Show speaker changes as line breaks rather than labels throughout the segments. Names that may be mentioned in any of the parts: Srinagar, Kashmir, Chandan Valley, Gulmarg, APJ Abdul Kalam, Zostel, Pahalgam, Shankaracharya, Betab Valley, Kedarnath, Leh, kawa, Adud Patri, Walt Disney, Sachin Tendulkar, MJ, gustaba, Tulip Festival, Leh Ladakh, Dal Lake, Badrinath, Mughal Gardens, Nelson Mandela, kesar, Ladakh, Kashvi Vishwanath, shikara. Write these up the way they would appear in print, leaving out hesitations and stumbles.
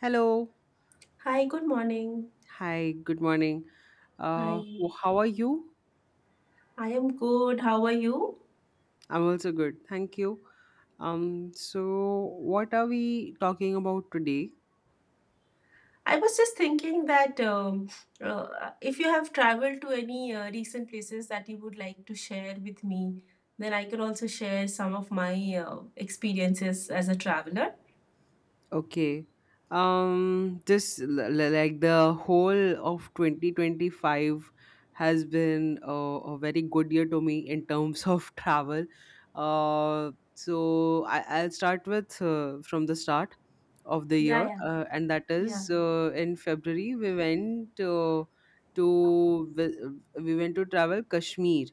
Hello.
Hi, good morning.
Hi, good morning.
Hi,
How are you?
I am good. How are you?
I'm also good. Thank you. So what are we talking about today?
I was just thinking that if you have traveled to any recent places that you would like to share with me, then I can also share some of my experiences as a traveler.
Okay. Like the whole of 2025 has been a very good year to me in terms of travel. I'll start with from the start of the year,
Yeah,
and that
yeah,
is in February we we went to travel Kashmir.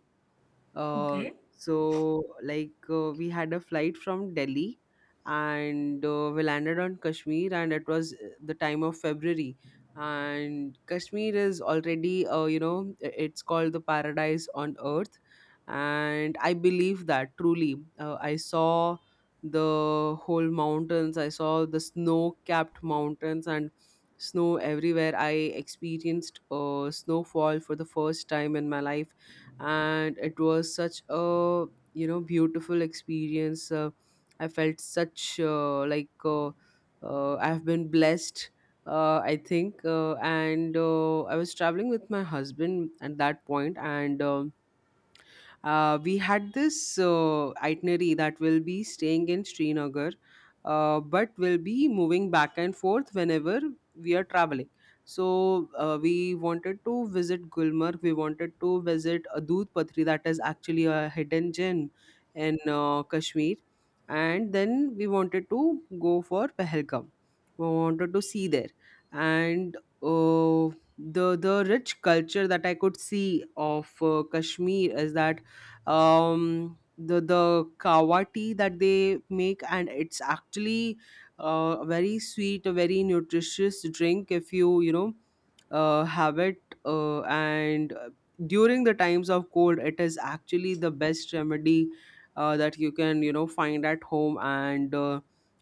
uh,
yeah.
we had a flight from Delhi and we landed on Kashmir, and it was the time of February, and Kashmir is already, it's called the paradise on earth, and I believe that truly. I saw the whole mountains, I saw the snow capped mountains and snow everywhere. I experienced snowfall for the first time in my life, and it was such a, beautiful experience. I felt such like I've been blessed, I think and I was traveling with my husband at that point. And We had this itinerary that will be staying in Srinagar, but will be moving back and forth whenever we are traveling. So we wanted to visit Gulmarg. We wanted to visit Adud Patri, that is actually a hidden gem in Kashmir, and then we wanted to go for Pahalgam. We wanted to see there, and uh, the rich culture that I could see of Kashmir is that, the kawa tea that they make, and it's actually a very sweet, a very nutritious drink if you, you know have it. And During the times of cold, it is actually the best remedy that you can, find at home. and uh,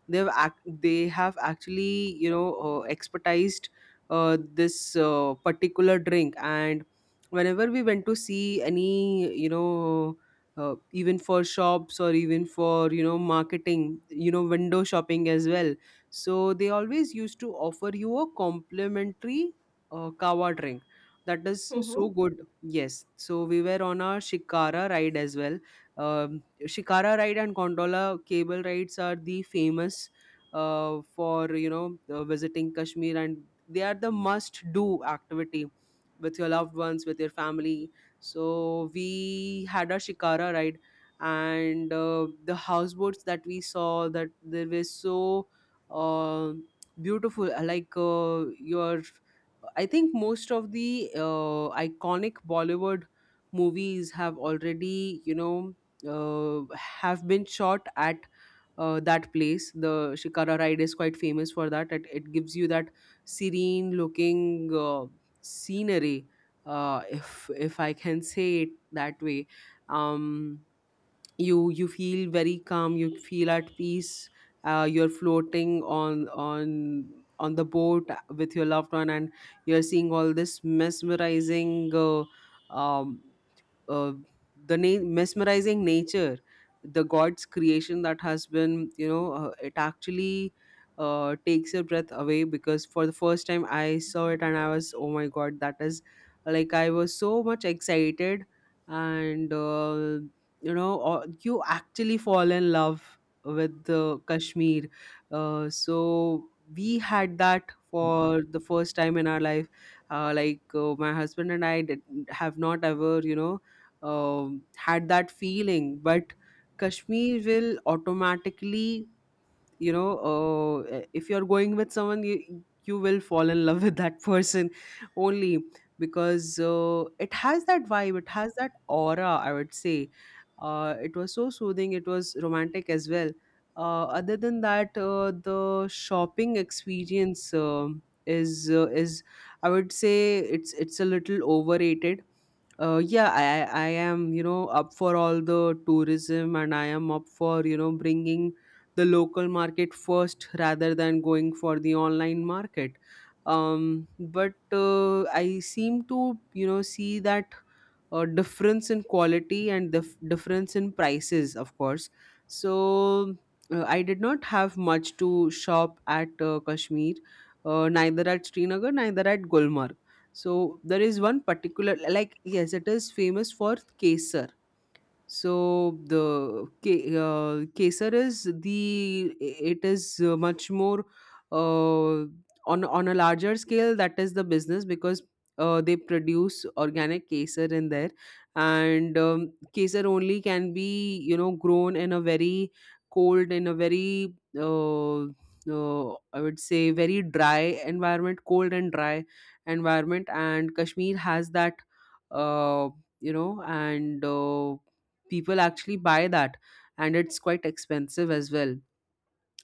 they've act- They have actually, expertised this particular drink, and whenever we went to see any, even for shops, or even for, marketing, window shopping as well, so they always used to offer you a complimentary kawa drink that is
Okay.
so good. Yes, so we were on a shikara ride as well. Shikara ride and gondola cable rides are the famous for you know visiting Kashmir, and they are the must do activity with your loved ones, with your family. So we had a shikara ride, and the houseboats that we saw, that they were so uh, beautiful. I think most of the iconic Bollywood movies have already, have been shot at that place. The Shikara ride is quite famous for that. It gives you that serene looking scenery, if I can say it that way. Um, you feel very calm. You feel at peace. You're floating on on the boat with your loved one, and you're seeing all this mesmerizing, um, uh, mesmerizing nature, the god's creation that has been, it actually takes your breath away, because for the first time I saw it, and I was, oh my god, that is, like, I was so much excited. And you know You actually fall in love with the Kashmir. So we had that for the first time in our life, my husband and I did, have not ever, had that feeling. But Kashmir will automatically, if you're going with someone, you will fall in love with that person only, because it has that vibe, it has that aura, I would say. It was so soothing, it was romantic as well. Other than that, the shopping experience is, I would say, it's a little overrated. Yeah, I am, you know, up for all the tourism, and I am up for, you know, bringing the local market first rather than going for the online market. But I seem to, see that difference in quality and the difference in prices, of course. So I did not have much to shop at Kashmir, neither at Srinagar neither at Gulmarg. So there is one particular, like, yes, it is famous for kesar. Kesar is the, it is much more uh, on a larger scale. That is the business, because they produce organic kesar in there, and kesar only can be, you know, grown in a very cold, in a very I would say very dry environment, cold and dry environment, and Kashmir has that. Uh, you know and. People actually buy that, and it's quite expensive as well.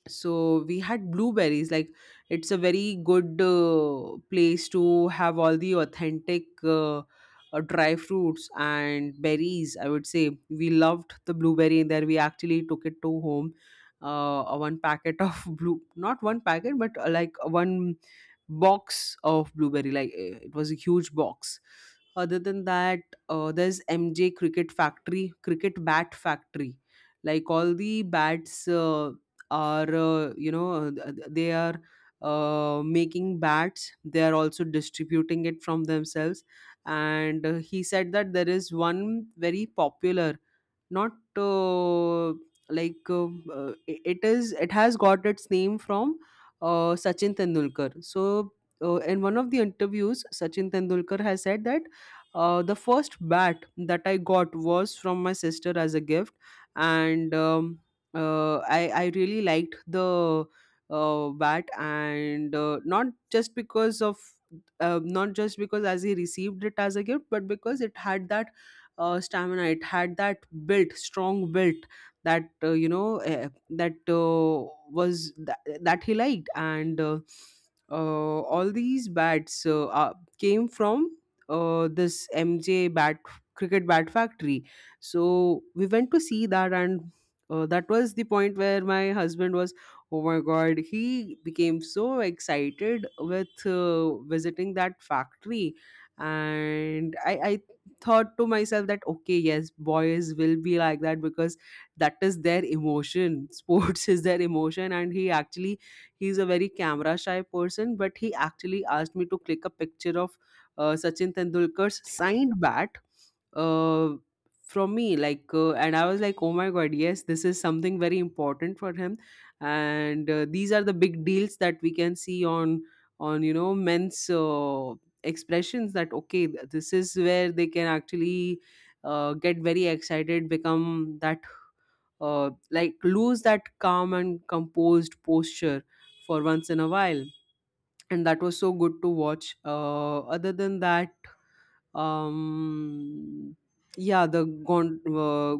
So we had blueberries, like, it's a very good place to have all the authentic dry fruits and berries, I would say. We loved the blueberry in there, we actually took it to home. One packet of blue, not one packet, but like one box of blueberry, like it was a huge box. Other than that, there's mj cricket factory, cricket bat factory. Like all the bats are you know th- they are making bats, they are also distributing it from themselves. And he said that there is one very popular, not like I- it is, it has got its name from Sachin Tendulkar. So in one of the interviews, Sachin Tendulkar has said that the first bat that I got was from my sister as a gift. And I really liked the bat, and not just because of, not just because as he received it as a gift, but because it had that stamina, it had that built, strong built, that that he liked. And All these bats came from this mj bat, cricket bat factory. So we went to see that, and that was the point where my husband was, oh my god, he became so excited with visiting that factory. And I thought to myself that, okay, yes, boys will be like that, because that is their emotion, sports is their emotion. And he actually, he's a very camera shy person, but he actually asked me to click a picture of Sachin Tendulkar's signed bat uh, from me like and I was like, oh my god, yes, this is something very important for him. And these are the big deals that we can see on men's expressions, that okay, this is where they can actually get very excited, become that like lose that calm and composed posture for once in a while, and that was so good to watch. Other than that, um yeah,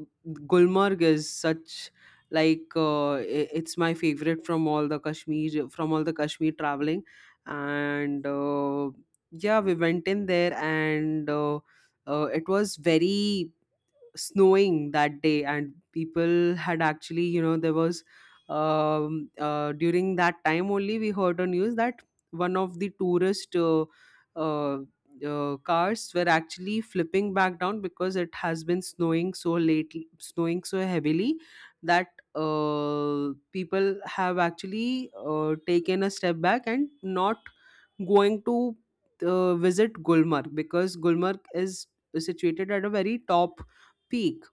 Gulmarg is such, like it's my favorite from all the Kashmir, from all the Kashmir traveling. And yeah, we went in there, and it was very snowing that day, and people had actually, you know, there was during that time only, we heard on news that one of the tourist uh, cars were actually flipping back down, because it has been snowing so late, snowing so heavily, that people have actually taken a step back and not going to visit Gulmarg, because Gulmarg is situated at a very top peak.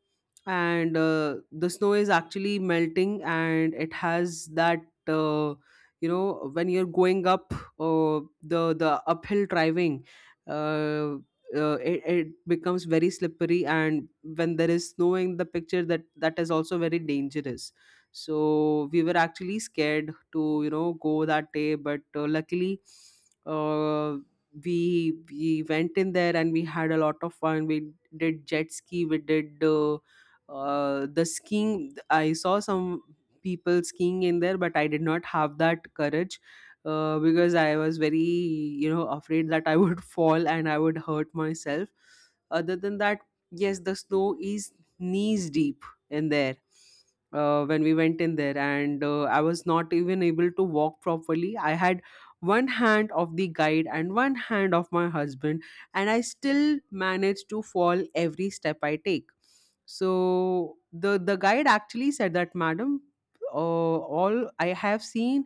And the snow is actually melting, and it has that uh, when you're going up, the uphill driving uh, it, it becomes very slippery, and when there is snow in the picture, that is also very dangerous. So we were actually scared to, you know, go that day. But uh, luckily uh, we we went in there and we had a lot of fun. We did jet ski, we did the skiing. I saw some people skiing in there, but I did not have that courage, because I was very, you know, afraid that I would fall and I would hurt myself. Other than that, yes, the snow is knees deep in there, when we went in there. And I was not even able to walk properly. I had one hand of the guide and one hand of my husband, and I still manage to fall every step I take. So the guide actually said that, madam, all I have seen,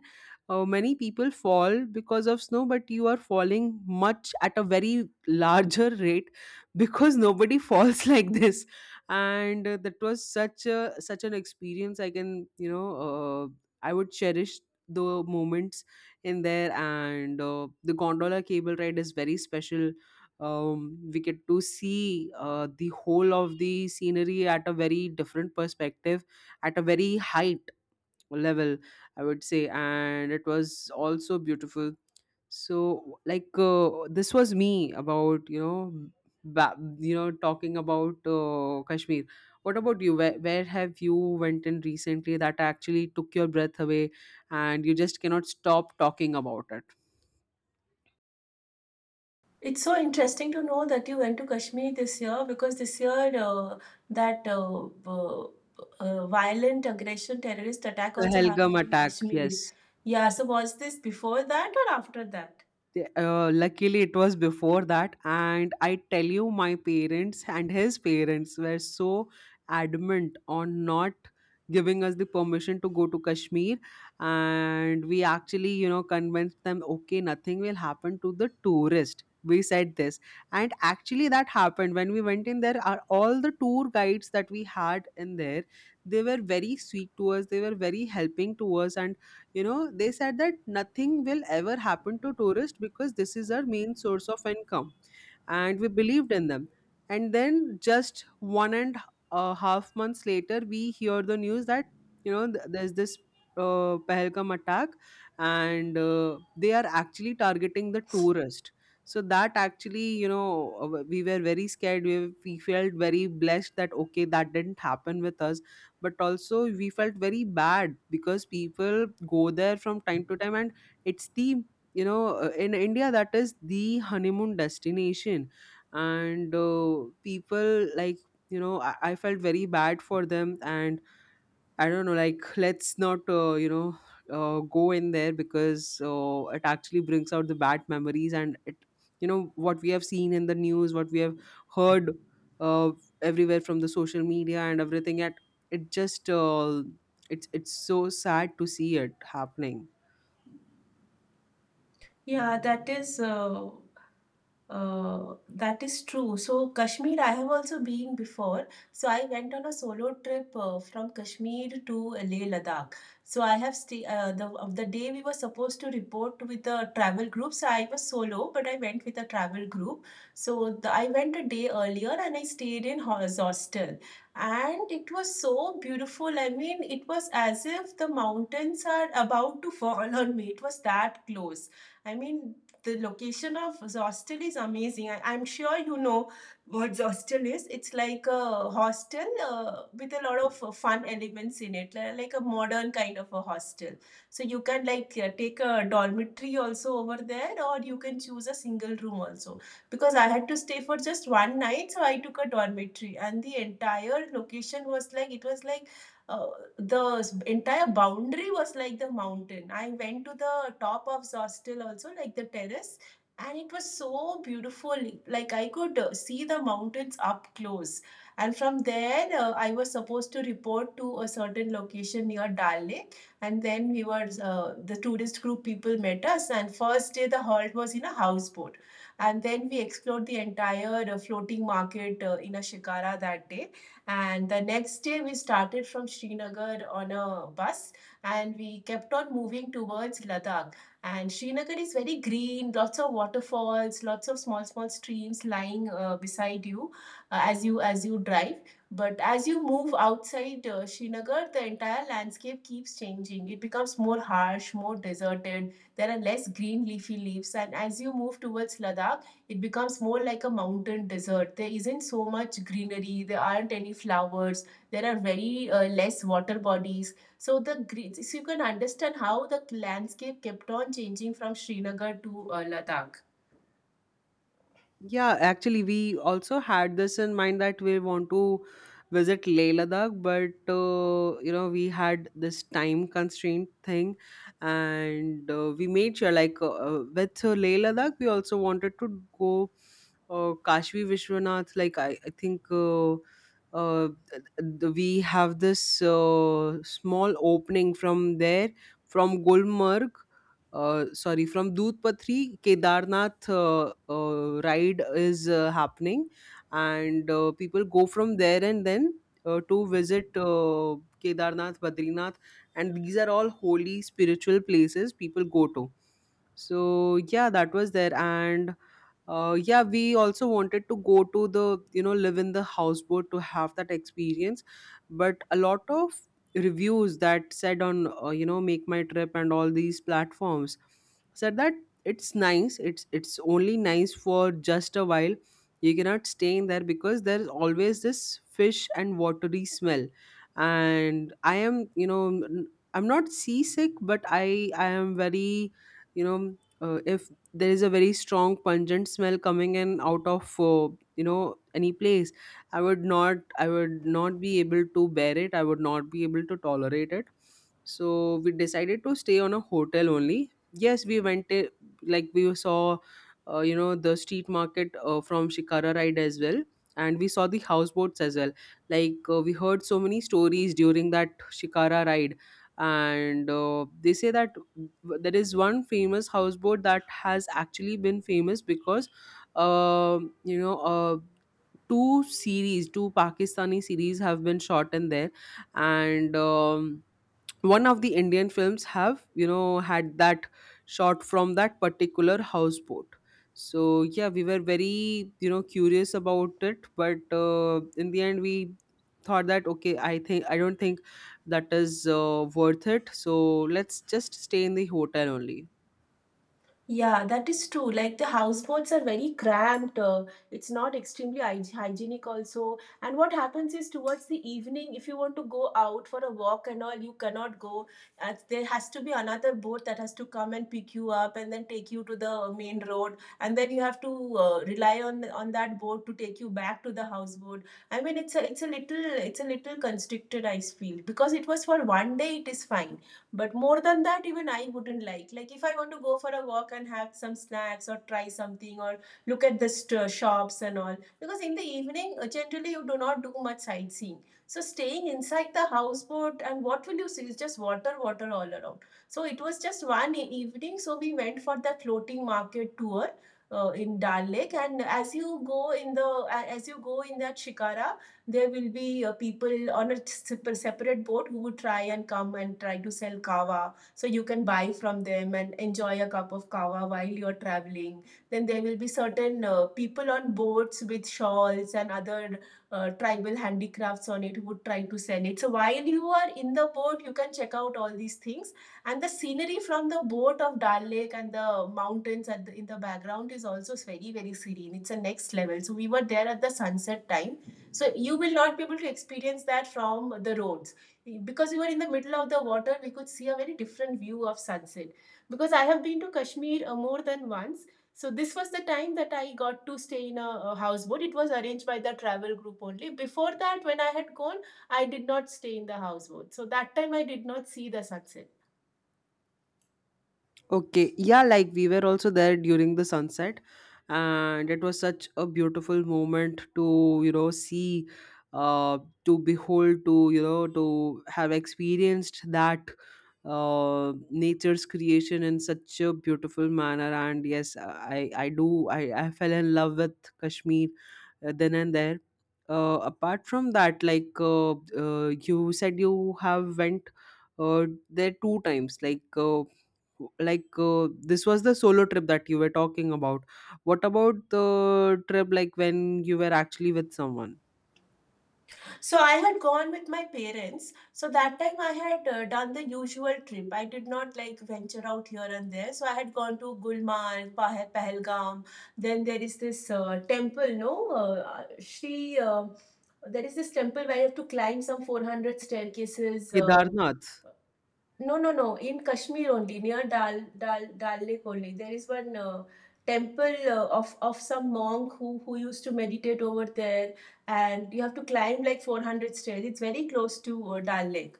many people fall because of snow, but you are falling much at a very larger rate, because nobody falls like this. And that was such an experience. I can you know I would cherish the moments in there, and the gondola cable ride is very special. We get to see the whole of the scenery at a very different perspective, at a very height level, I would say, and it was also beautiful. So, like, this was me about, you know, talking about Kashmir. What about you? Where have you went in recently that actually took your breath away and you just cannot stop talking about it?
It's so interesting to know that you went to Kashmir this year because this year that violent aggression terrorist attack
The
also
Helgam
happened in
attack, yes.
Kashmir. Yeah, so was this before that or after that?
Luckily it was before that, and I tell you, my parents and his parents were so adamant on not giving us the permission to go to Kashmir. And we actually, you know, convinced them, okay, nothing will happen to the tourist, we said this. And actually that happened when we went in there. Are all the tour guides that we had in there, they were very sweet to us, they were very helping to us, and you know they said that nothing will ever happen to tourists because this is our main source of income, and we believed in them. And then just 1.5 months later we hear the news that, you know, there's this Pahalgam attack, and they are actually targeting the tourist. So that actually, you know, we were very scared, we felt very blessed that okay, that didn't happen with us. But also we felt very bad because people go there from time to time, and it's the, you know, in India that is the honeymoon destination. And people, like, you know, I felt very bad for them. And I don't know, like, let's not you know go in there, because it actually brings out the bad memories, and it, you know, what we have seen in the news, what we have heard uh, everywhere from the social media and everything. At it just, it's so sad to see it happening.
Yeah, that is true. So Kashmir, I have also been before. So I went on a solo trip from Kashmir to Leh Ladakh. So I have stay the of the day we were supposed to report with the travel group. So I was solo, but I went with a travel group. So I went a day earlier and I stayed in hostel, and it was so beautiful. I mean, it was as if the mountains are about to fall on me. It was that close. I mean, the location of Zostel is amazing. I'm sure you know what Zostel is. It's like a hostel with a lot of fun elements in it, like a modern kind of a hostel. So you can like take a dormitory also over there, or you can choose a single room also. Because I had to stay for just one night, so I took a dormitory, and the entire location was like it was like uh, the entire boundary was like the mountain. I went to the top of Zostel also, like the terrace, and it was so beautiful. Like I could see the mountains up close. And from there, I was supposed to report to a certain location near Dal Lake. And then the tourist group people met us. And first day, the halt was in a houseboat. And then we explored the entire floating market in a shikara that day, and the next day, we started from Srinagar on a bus, and we kept on moving towards Ladakh. And Srinagar is very green, lots of waterfalls, lots of small, small streams lying beside you as you as you drive. But as you move outside Srinagar, the entire landscape keeps changing. It becomes more harsh, more deserted. There are less green leafy leaves. And as you move towards Ladakh, it becomes more like a mountain desert. There isn't so much greenery, there aren't any flowers, there are very less water bodies. So so you can understand how the landscape kept on changing from Srinagar to Ladakh.
Yeah, actually, we also had this in mind that we want to visit Leh Ladakh, but you know, we had this time constraint thing, and we made sure, like, with Leh Ladakh, we also wanted to go Kashvi Vishwanath. Like, I think uh, th- we have this small opening from there, from Gulmarg, sorry, from Dudh Patri. Kedarnath ride is happening, and people go from there, and then to visit Kedarnath, Badrinath, and these are all holy spiritual places people go to. So yeah, that was there. And yeah, we also wanted to go to the, you know, live in the houseboat to have that experience, but a lot of reviews that said on you know, Make My Trip and all these platforms said that it's nice, it's only nice for just a while. You cannot stay in there because there's always this fish and watery smell, and I am, you know, I'm not seasick, but I am very, you know, if there is a very strong pungent smell coming in out of you know, any place, I would not be able to bear it, I would not be able to tolerate it. So we decided to stay on a hotel only. Yes, we went to, like, we saw you know, the street market from shikara ride as well, and we saw the houseboats as well. Like, we heard so many stories during that shikara ride, and they say that there is one famous houseboat that has actually been famous because you know, two series, two Pakistani series have been shot in there, and one of the Indian films have, you know, had that shot from that particular houseboat. So yeah, we were very, you know, curious about it, but in the end we thought that okay, I think, I don't think that is worth it. So let's just stay in the hotel only.
Yeah, that is true. Like the houseboats are very cramped. It's not extremely hygienic also. And what happens is towards the evening, if you want to go out for a walk and all, you cannot go. There has to be another boat that has to come and pick you up and then take you to the main road. And then you have to rely on that boat to take you back to the houseboat. I mean, it's a little constricted, I feel, because it was for one day, it is fine, but more than that, even I wouldn't like. Like if I want to go for a walk and have some snacks or try something or look at the shops and all, because in the evening generally you do not do much sightseeing. So staying inside the houseboat, and what will you see? It's just water, water all around. So it was just one evening. So we went for the floating market tour in Dal Lake, and as you go in that Shikara, there will be people on a separate boat who would try and come and try to sell kava. So you can buy from them and enjoy a cup of kava while you're traveling. Then there will be certain people on boats with shawls and other tribal handicrafts on it who would try to sell it. So while you are in the boat, you can check out all these things. And the scenery from the boat of Dal Lake and the mountains in the background is also very, very serene. It's a next level. So we were there at the sunset time, so you will not be able to experience that from the roads. Because we were in the middle of the water, we could see a very different view of sunset. Because I have been to Kashmir more than once, so this was the time that I got to stay in a houseboat. It was arranged by the travel group only. Before that, when I had gone, I did not stay in the houseboat, so that time I did not see the sunset.
Okay, yeah, like, we were also there during the sunset, and it was such a beautiful moment to, you know, see, uh, to behold, to, you know, to have experienced that nature's creation in such a beautiful manner. And yes, I do I fell in love with Kashmir, then and there. Apart from that, like, you said, you have went there two times. Like, this was the solo trip that you were talking about. What about the trip like when you were actually with someone?
So I had gone with my parents. So that time I had done the usual trip. I did not like venture out here and there. So I had gone to Gulmarg, Pahalgam. Then there is this temple, no, Shri. There is this temple where you have to climb some 400 staircases.
Kedarnath,
No, no, no. In Kashmir only, near Dal Lake only, there is one temple of some monk who used to meditate over there, and you have to climb like 400 stairs. It's very close to Dal Lake.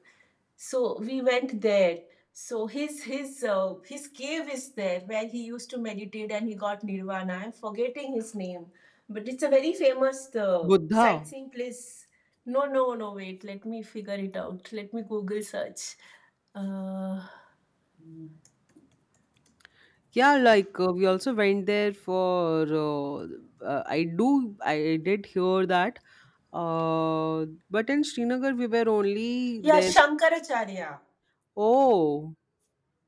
So we went there. So his cave is there where he used to meditate and he got nirvana. I'm forgetting his name, but it's a very famous
Buddha.
sightseeing place. No, no, no. Wait, let me figure it out. Let me Google search. Uh,
Yeah, like, we also went there for. I do. I did hear that. Uh, but in Srinagar, we were only
yeah,
there.
Shankaracharya.
Oh,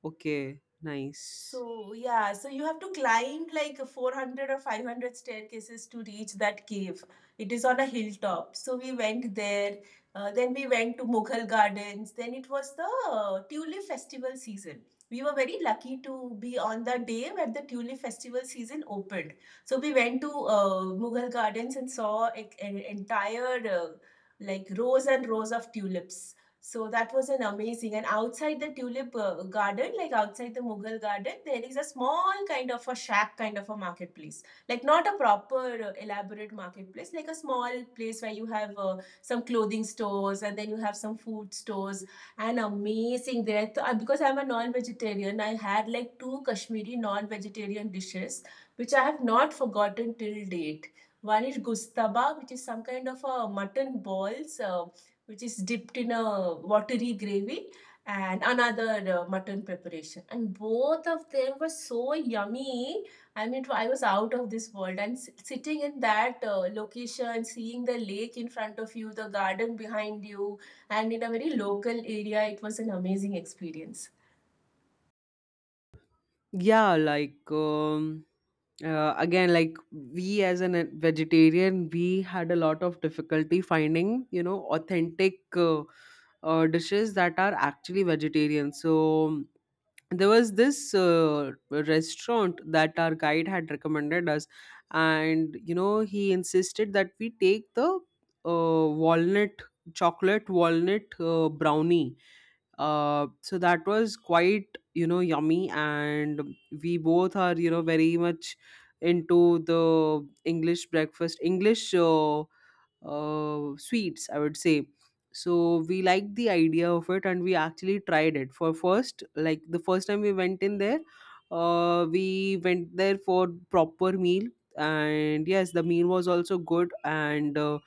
okay, nice.
So, yeah, so you have to climb like 400 or 500 staircases to reach that cave. It is on a hilltop. So we went there. Then we went to Mughal Gardens. Then it was the Tulip Festival season. We were very lucky to be on the day where the Tulip Festival season opened. So we went to Mughal Gardens and saw an entire like rows and rows of tulips. So that was an amazing, and outside the tulip garden, like outside the Mughal garden, there is a small kind of a shack kind of a marketplace. Like not a proper elaborate marketplace, like a small place where you have some clothing stores and then you have some food stores, and amazing there. Because I'm a non-vegetarian, I had like two Kashmiri non-vegetarian dishes which I have not forgotten till date. One is gustaba, which is some kind of a mutton balls, which is dipped in a watery gravy, and another mutton preparation, and both of them were so yummy. I mean, I was out of this world, and sitting in that location, seeing the lake in front of you, the garden behind you, and in a very local area, it was an amazing experience.
Yeah, like, again, like, we as a vegetarian, we had a lot of difficulty finding, you know, authentic dishes that are actually vegetarian. So there was this restaurant that our guide had recommended us, and you know, he insisted that we take the walnut, chocolate walnut brownie, so that was quite, you know, yummy, and we both are, you know, very much into the English breakfast, English sweets, I would say. So we liked the idea of it, and we actually tried it. For first, like, the first time we went in there, we went there for proper meal, and yes, the meal was also good, and uh,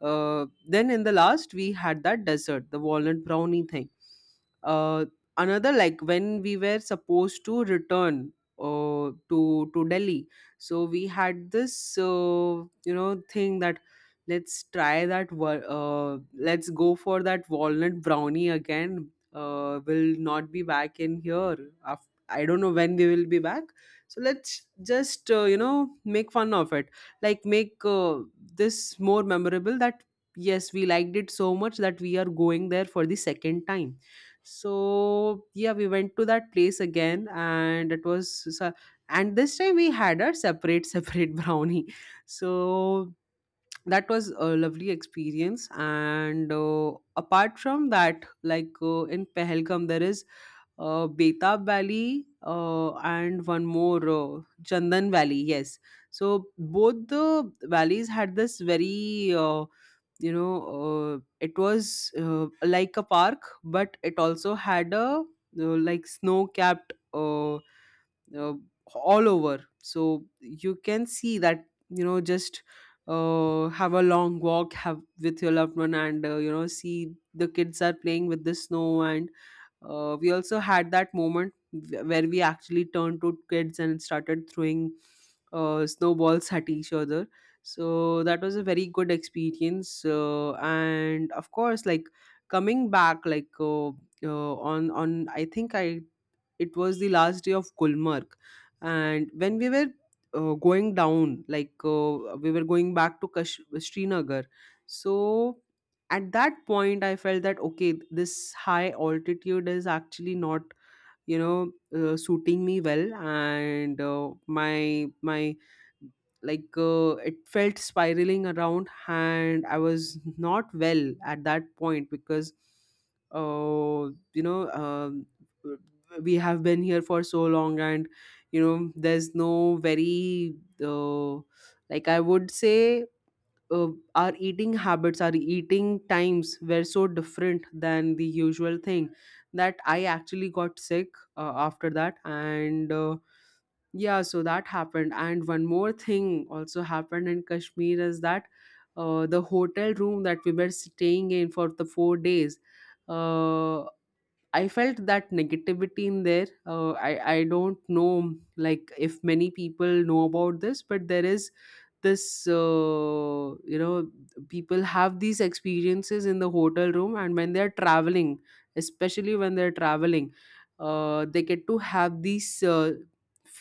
uh, then in the last we had that dessert, the walnut brownie thing. Uh, Another, like, when we were supposed to return to Delhi, so we had this you know, thing that, let's try that let's go for that walnut brownie again. We'll not be back in here, af I don't know when we will be back. So let's just you know, make fun of it, like, make this more memorable, that yes, we liked it so much that we are going there for the second time. So yeah, we went to that place again, and it was s- and this time we had a separate separate brownie. So that was a lovely experience. And apart from that, like, in Pahalgam there is Betab Valley, and one more, Chandan Valley. Yes, so both the valleys had this very, you know, it was, like a park, but it also had a, like snow capped, all over, so you can see that, you know, just have a long walk, have with your loved one, and you know, see the kids are playing with the snow. And we also had that moment where we actually turned to kids and started throwing snowballs at each other. So that was a very good experience. And of course, like, coming back, like, on I think I it was the last day of Gulmarg, and when we were going down, like, we were going back to Srinagar. So at that point I felt that okay, this high altitude is actually not, you know, suiting me well, and my my like, it felt spiraling around, and I was not well at that point because, uh, you know, we have been here for so long, and you know there's no very, uh, like, I would say, uh, our eating habits, our eating times were so different than the usual thing, that I actually got sick after that. And yeah, so that happened. And one more thing also happened in Kashmir is that the hotel room that we were staying in for the 4 days. Uh, I felt that negativity in there. I don't know, like, if many people know about this, but there is this, you know, people have these experiences in the hotel room, and when they are traveling, especially when they are traveling, they get to have this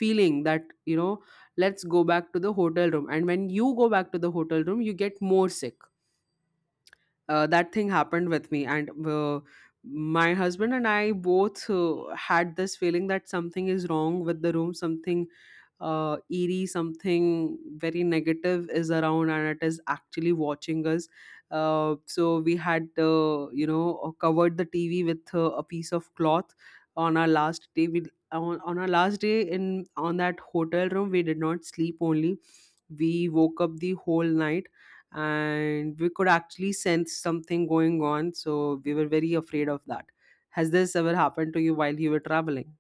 feeling that, you know, let's go back to the hotel room, and when you go back to the hotel room, you get more sick. That thing happened with me. And my husband and I both had this feeling that something is wrong with the room, something eerie, something very negative is around, and it is actually watching us. So we had, you know, covered the TV with a piece of cloth. on our last day we, on our last day in on that hotel room, we did not sleep only, we woke up the whole night, and we could actually sense something going on. So we were very afraid of that. Has this ever happened to you while you were traveling?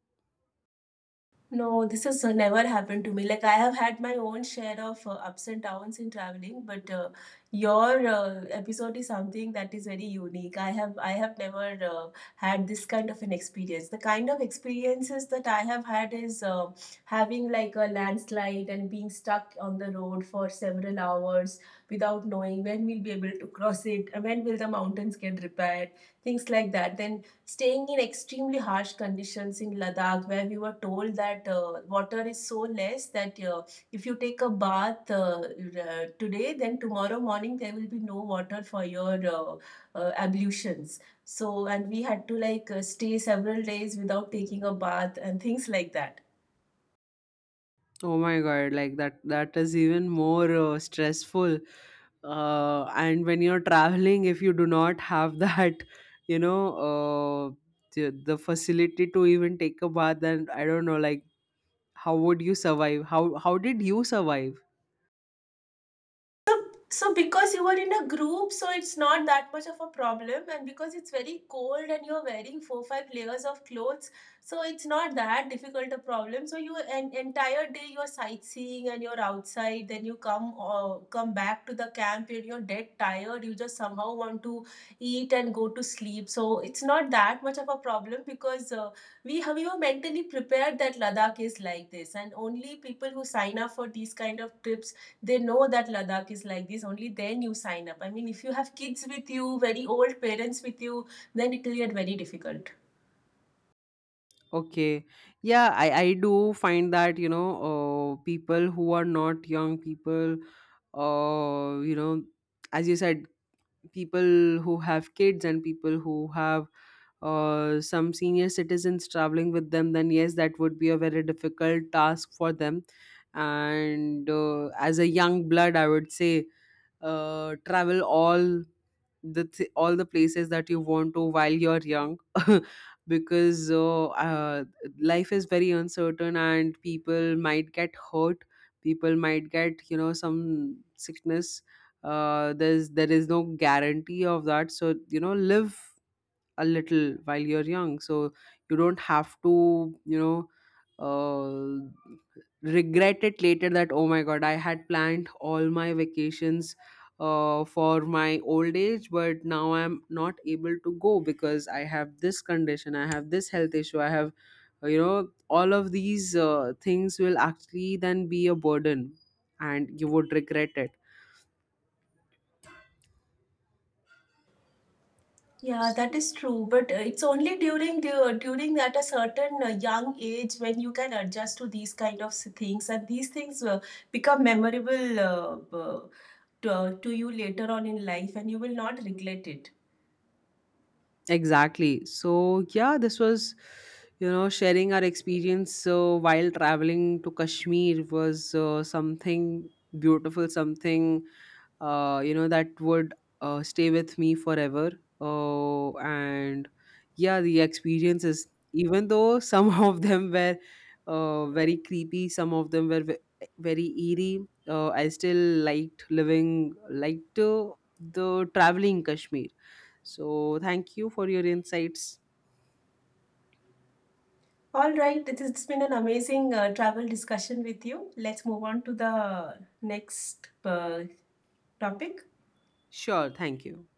No, this has never happened to me. Like I have had my own share of ups and downs in traveling, but your episode is something that is very unique. I have never had this kind of an experience. The kind of experiences that I have had is having like a landslide and being stuck on the road for several hours without knowing when we'll be able to cross it, when will the mountains get repaired, things like that. Then staying in extremely harsh conditions in Ladakh, where we were told that water is so less that if you take a bath today, then tomorrow morning there will be no water for your ablutions. So, and we had to like stay several days without taking a bath and things like that.
Oh my god, like, that is even more stressful. And when you're traveling, if you do not have that, you know, the facility to even take a bath, then I don't know, like, how would you survive? How did you survive?
So, so because you were in a group, so it's not that much of a problem, and because it's very cold and you're wearing 4-5 layers of clothes, so it's not that difficult a problem. So you an entire day you're sightseeing and you're outside, then you come back to the camp and you're dead tired. You just somehow want to eat and go to sleep. So it's not that much of a problem because we were mentally prepared that Ladakh is like this, and only people who sign up for these kind of trips, they know that Ladakh is like this, only then you sign up. I mean, if you have kids with you, very old parents with you, then it will get very difficult.
Okay. Yeah, I do find that, you know, people who are not young people, you know, as you said, people who have kids and people who have some senior citizens traveling with them, then yes, that would be a very difficult task for them. And as a young blood, I would say, travel all the places that you want to while you're young. Because life is very uncertain, and people might get hurt, people might get, you know, some sickness. There is no guarantee of that, so you know, live a little while you're young, so you don't have to, you know, uh, regret it later that, oh my god, I had planned all my vacations for my old age, but now I'm not able to go because I have this condition, I have this health issue, I have, you know, all of these things will actually then be a burden, and you would regret it.
Yeah, that is true. But it's only during at a certain young age when you can adjust to these kind of things, and these things become memorable, to you later on in life, and you will not regret it.
Exactly. So yeah, this was, you know, sharing our experience, so while traveling to Kashmir was something beautiful, something, you know, that would stay with me forever. And yeah, the experiences, even though some of them were very creepy, some of them were very eerie, I still liked living, liked the traveling Kashmir, so thank you for your insights.
All right, it's been an amazing travel discussion with you. Let's move on to the next topic.
Sure, thank you.